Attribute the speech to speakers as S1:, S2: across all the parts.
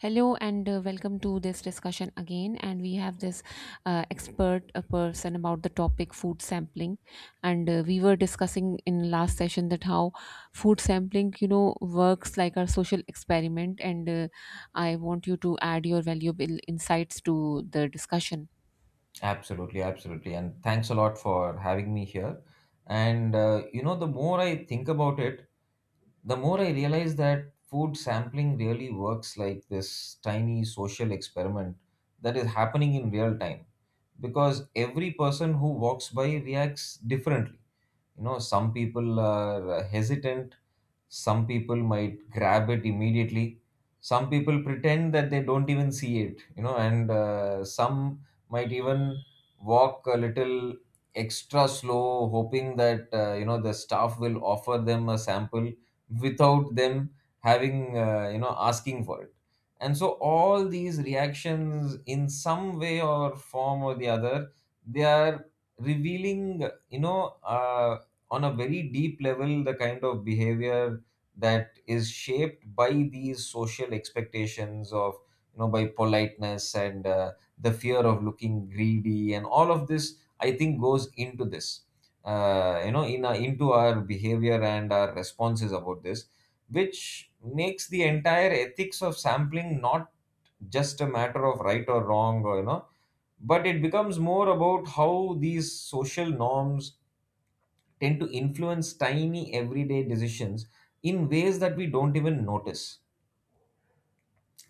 S1: Hello and welcome to this discussion again. And we have this expert person about the topic food sampling. And we were discussing in last session that how food sampling, you know, works like a social experiment. And I want you to add your valuable insights to the discussion.
S2: Absolutely, absolutely. And thanks a lot for having me here. The more I think about it, the more I realize that food sampling really works like this tiny social experiment that is happening in real time, because every person who walks by reacts differently. You know, some people are hesitant, some people might grab it immediately, some people pretend that they don't even see it. You know and uh, some might even walk a little extra slow, hoping that the staff will offer them a sample without them having asking for it. And so all these reactions, in some way or form or the other, they are revealing, on a very deep level, the kind of behavior that is shaped by these social expectations of, you know, by politeness and the fear of looking greedy. And all of this, I think, goes into this you know in our, into our behavior and our responses about this, which makes the entire ethics of sampling not just a matter of right or wrong, or, you know, but it becomes more about how these social norms tend to influence tiny everyday decisions in ways that we don't even notice.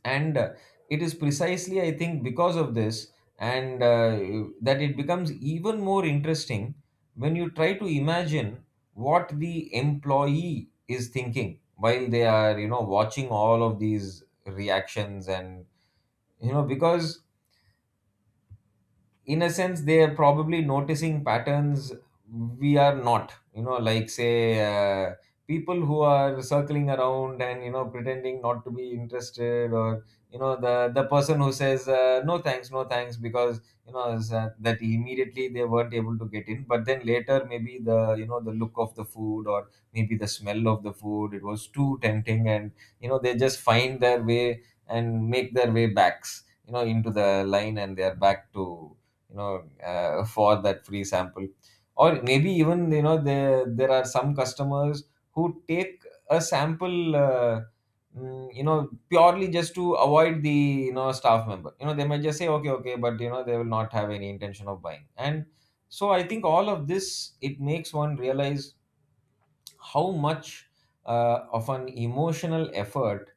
S2: And it is precisely, I think, because of this and that it becomes even more interesting when you try to imagine what the employee is thinking while they are, you know, watching all of these reactions. And, you know, because in a sense they are probably noticing patterns we are not, you know, like, say, uh, people who are circling around and, you know, pretending not to be interested, or, you know, the person who says, "No thanks, no thanks," because, you know, that immediately they weren't able to get in, but then later maybe the, you know, the look of the food, or maybe the smell of the food, it was too tempting, and, you know, they just find their way and make their way backs, you know, into the line, and they are back to, you know, for that free sample. Or maybe even, you know, there are some customers who take a sample, you know, purely just to avoid the, you know, staff member. You know, they might just say, "Okay, okay," but, you know, they will not have any intention of buying. And so I think all of this, it makes one realize how much of an emotional effort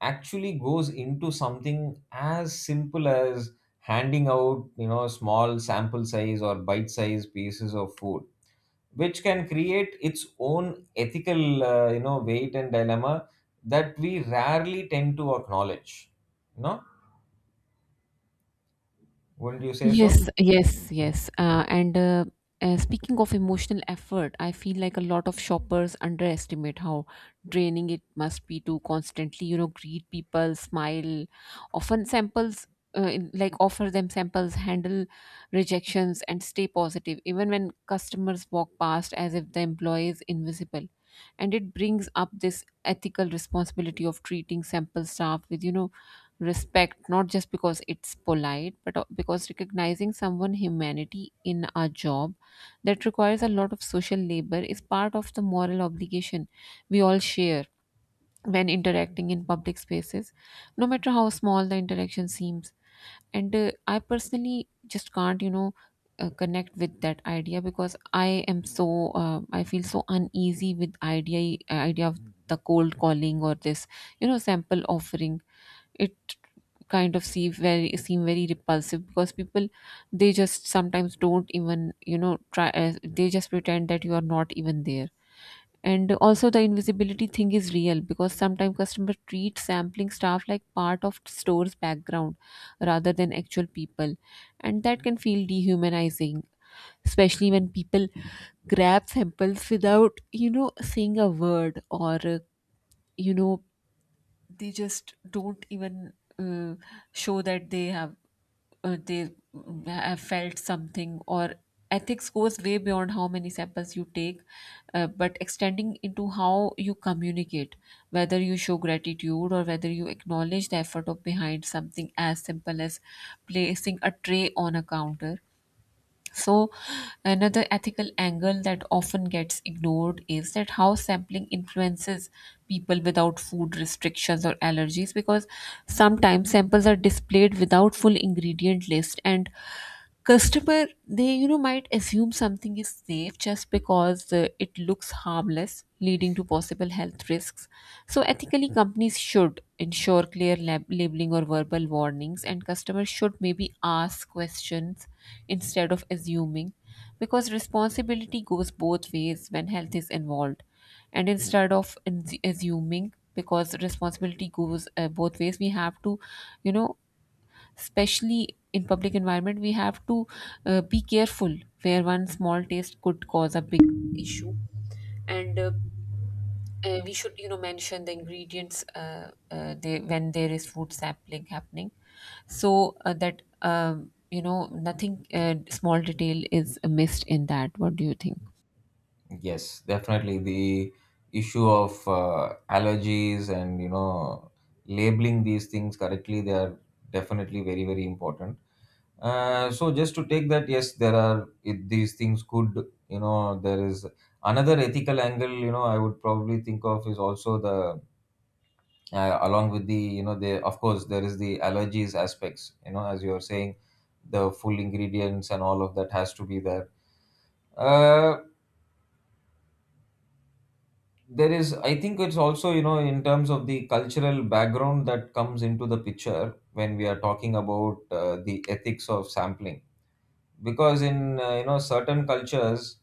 S2: actually goes into something as simple as handing out, you know, small sample size or bite size pieces of food, which can create its own ethical, weight and dilemma that we rarely tend to acknowledge, no? Wouldn't you say
S1: Yes,
S2: so?
S1: yes, yes. And speaking of emotional effort, I feel like a lot of shoppers underestimate how draining it must be to constantly, you know, greet people, smile, often samples, like offer them samples, handle rejections, and stay positive, even when customers walk past as if the employee is invisible. And it brings up this ethical responsibility of treating sample staff with, you know, respect, not just because it's polite but because recognizing someone humanity in a job that requires a lot of social labor is part of the moral obligation we all share when interacting in public spaces, no matter how small the interaction seems. And I personally just can't, you know, connect with that idea because I am so I feel so uneasy with idea of the cold calling or this, you know, sample offering. It kind of see very seem very repulsive because people, they just sometimes don't even, you know, try. They just pretend that you are not even there. And also the invisibility thing is real, because sometimes customers treat sampling staff like part of store's background rather than actual people, and that can feel dehumanizing, especially when people grab samples without, you know, saying a word. Or You know, they just don't even, uh, show that they have have felt something. Or ethics goes way beyond how many samples you take, but extending into how you communicate, whether you show gratitude or whether you acknowledge the effort of behind something as simple as placing a tray on a counter. So, another ethical angle that often gets ignored is that how sampling influences people without food restrictions or allergies, because sometimes samples are displayed without full ingredient list, and customer, they, you know, might assume something is safe just because it looks harmless, leading to possible health risks. So, ethically, companies should ensure clear labeling or verbal warnings, and customers should maybe ask questions instead of assuming, because responsibility goes both ways when health is involved. And instead of assuming, because responsibility goes both ways, we have to, you know, especially in public environment, we have to be careful, where one small taste could cause a big issue. And we should, you know, mention the ingredients, when there is food sampling happening, so that you know, nothing small detail is missed in that. What do you think?
S2: Yes, definitely. The issue of allergies and, you know, labeling these things correctly, they are definitely very very important. So just to take that, yes, these things could, you know, there is another ethical angle, you know, I would probably think of is also the, along with the, you know, the, of course, there is the allergies aspects, you know, as you are saying, the full ingredients and all of that has to be there. Uh, there is, I think it's also, you know, in terms of the cultural background that comes into the picture when we are talking about the ethics of sampling, because in, you know, certain cultures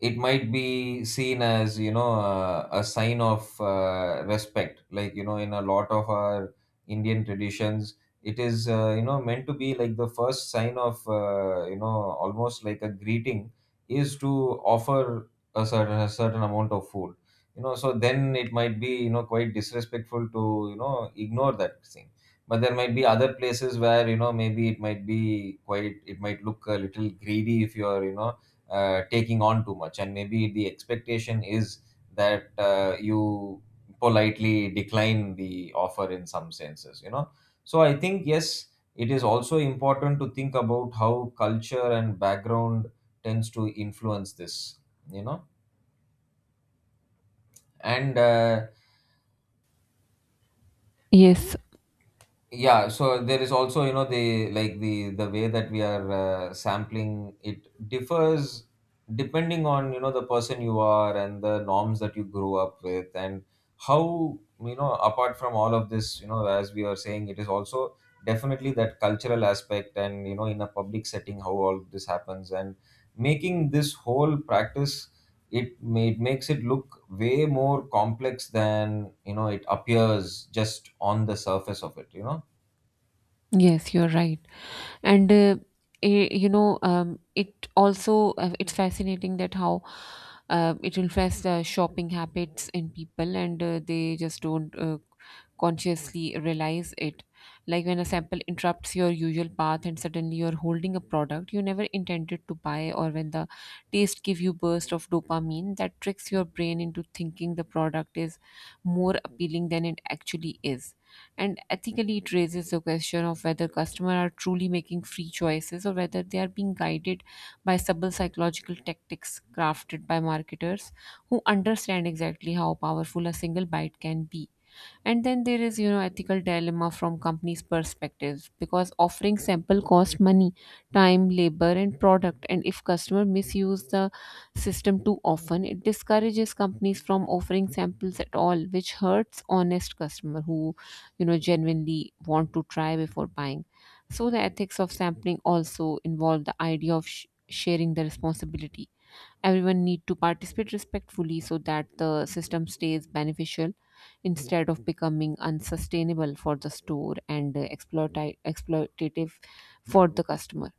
S2: it might be seen as, you know, a sign of respect, like, you know, in a lot of our Indian traditions it is, you know, meant to be like the first sign of, you know, almost like a greeting, is to offer a certain, a certain amount of food, you know. So then it might be, you know, quite disrespectful to, you know, ignore that thing. But there might be other places where, you know, maybe it might be quite, it might look a little greedy if you are, you know, taking on too much, and maybe the expectation is that you politely decline the offer in some senses, you know. So I think, yes, it is also important to think about how culture and background tends to influence this, you know, and
S1: Yes.
S2: yeah. So there is also, you know, the, like, the way that we are sampling, it differs depending on, you know, the person you are and the norms that you grew up with. And how, you know, apart from all of this, you know, as we are saying, it is also definitely that cultural aspect, and, you know, in a public setting how all of this happens, and making this whole practice, it makes it look way more complex than, you know, it appears just on the surface of it, you know.
S1: Yes, you're right. And you know, it also it's fascinating that how it influences the shopping habits in people, and they just don't consciously realize it. Like when a sample interrupts your usual path, and suddenly you're holding a product you never intended to buy, or when the taste give you burst of dopamine that tricks your brain into thinking the product is more appealing than it actually is. And ethically, it raises the question of whether customers are truly making free choices or whether they are being guided by subtle psychological tactics crafted by marketers who understand exactly how powerful a single bite can be. And then there is, you know, ethical dilemma from companies' perspectives, because offering sample cost money, time, labor, and product. And if customer misuse the system too often, it discourages companies from offering samples at all, which hurts honest customer who, you know, genuinely want to try before buying. So the ethics of sampling also involve the idea of sharing the responsibility. Everyone need to participate respectfully so that the system stays beneficial instead of becoming unsustainable for the store and exploitative for the customer.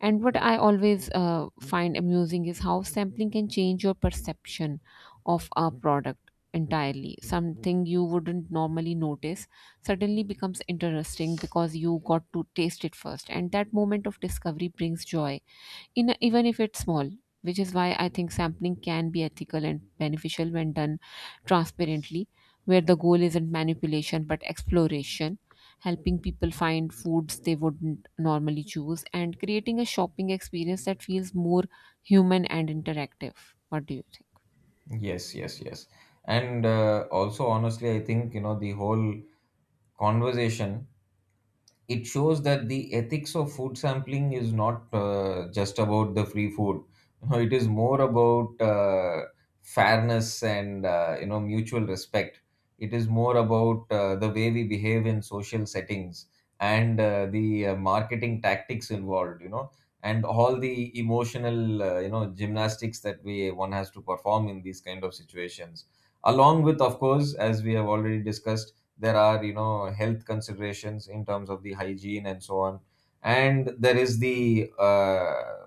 S1: And what I always find amusing is how sampling can change your perception of a product entirely. Something you wouldn't normally notice suddenly becomes interesting because you got to taste it first, and that moment of discovery brings joy in, even if it's small, which is why I think sampling can be ethical and beneficial when done transparently, where the goal isn't manipulation but exploration, helping people find foods they wouldn't normally choose and creating a shopping experience that feels more human and interactive. What do you think?
S2: Yes, yes, yes. And also, honestly, I think, you know, the whole conversation, it shows that the ethics of food sampling is not just about the free food. You know, it is more about fairness and, you know, mutual respect. It is more about the way we behave in social settings, and the marketing tactics involved, you know, and all the emotional, gymnastics that we one has to perform in these kind of situations, along with, of course, as we have already discussed, there are, you know, health considerations in terms of the hygiene and so on. And there is the,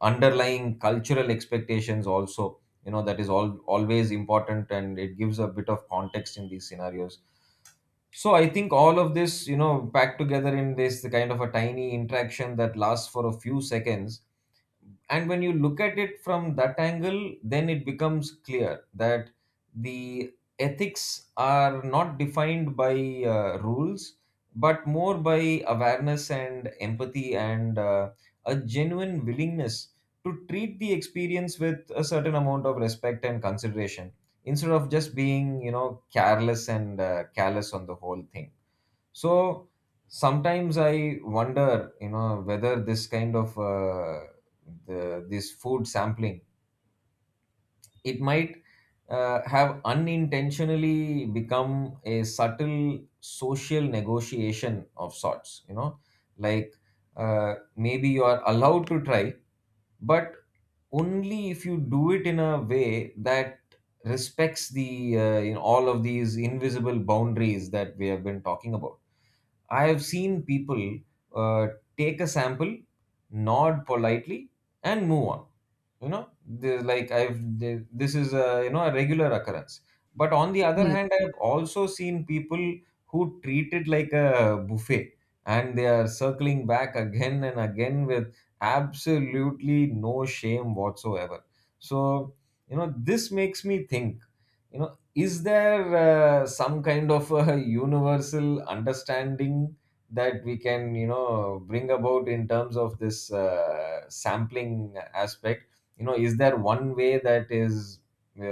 S2: underlying cultural expectations also, you know, that is all always important, and it gives a bit of context in these scenarios. So I think all of this, you know, packed together in this kind of a tiny interaction that lasts for a few seconds, and when you look at it from that angle, then it becomes clear that the ethics are not defined by rules, but more by awareness and empathy and, a genuine willingness to treat the experience with a certain amount of respect and consideration, instead of just being, you know, careless and, callous on the whole thing. So sometimes I wonder, you know, whether this kind of, this food sampling, it might have unintentionally become a subtle social negotiation of sorts. You know, like, maybe you are allowed to try, but only if you do it in a way that respects the, you know, all of these invisible boundaries that we have been talking about. I have seen people uh, take a sample, nod politely, and move on. You know, this is, a you know, a regular occurrence. But on the other
S1: Yes.
S2: hand, I have also seen people who treat it like a buffet, and they are circling back again and again with absolutely no shame whatsoever. So, you know, this makes me think. You know, is there some kind of a universal understanding that we can, you know, bring about in terms of this, sampling aspect? You know, is there one way that is uh,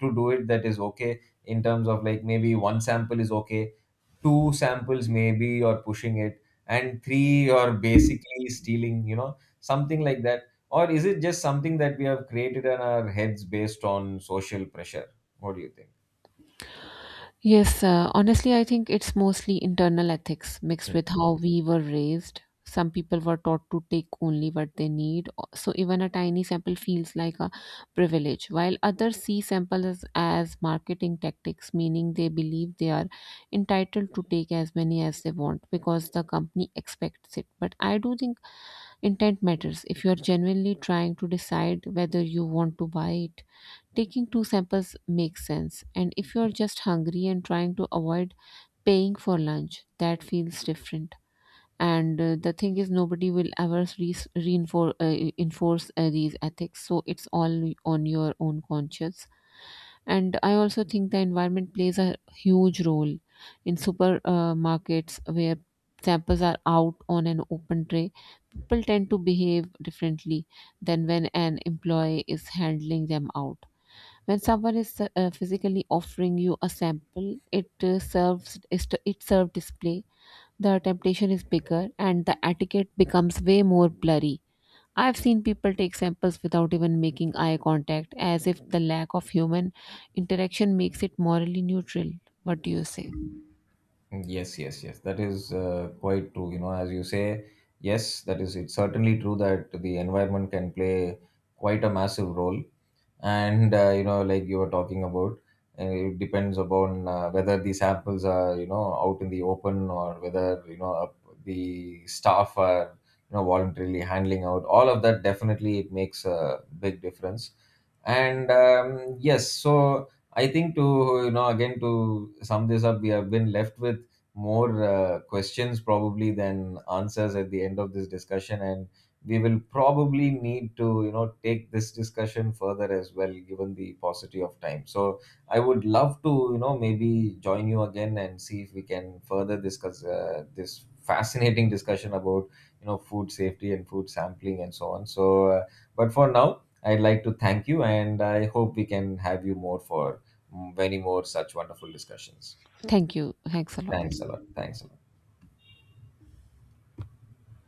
S2: to do it that is okay? In terms of, like, maybe one sample is okay, two samples maybe you're pushing it, and three you're basically stealing, you know, something like that? Or is it just something that we have created in our heads based on social pressure? What do you think?
S1: Yes, honestly, I think it's mostly internal ethics mixed with
S2: Mm.
S1: how we were raised. Some people were taught to take only what they need, so even a tiny sample feels like a privilege, while others see samples as marketing tactics, meaning they believe they are entitled to take as many as they want because the company expects it. But I do think intent matters. If you are genuinely trying to decide whether you want to buy it, taking two samples makes sense. And if you're just hungry and trying to avoid paying for lunch, that feels different. And the thing is, nobody will ever reinforce enforce these ethics, so it's all on your own conscience. And I also think the environment plays a huge role. In supermarkets where samples are out on an open tray, people tend to behave differently than when an employee is handling them out. When someone is physically offering you a sample, it serves it serves display, the temptation is bigger and the etiquette becomes way more blurry. I've seen people take samples without even making eye contact, as if the lack of human interaction makes it morally neutral. What do you say?
S2: Yes, yes, yes. That is quite true. You know, as you say, yes, that is. It's certainly true that the environment can play quite a massive role. And, you know, like you were talking about, it depends upon whether the samples are, you know, out in the open, or whether, you know, the staff are, you know, voluntarily handling out. All of that, definitely it makes a big difference. And, yes, so I think, to, you know, again, to sum this up, we have been left with more questions probably than answers at the end of this discussion. And we will probably need to, you know, take this discussion further as well, given the paucity of time. So I would love to, you know, maybe join you again and see if we can further discuss this fascinating discussion about, you know, food safety and food sampling and so on. So but for now, I'd like to thank you, and I hope we can have you more for, many more such wonderful discussions.
S1: Thank you. Thanks a lot.
S2: Thanks a lot. Thanks a lot.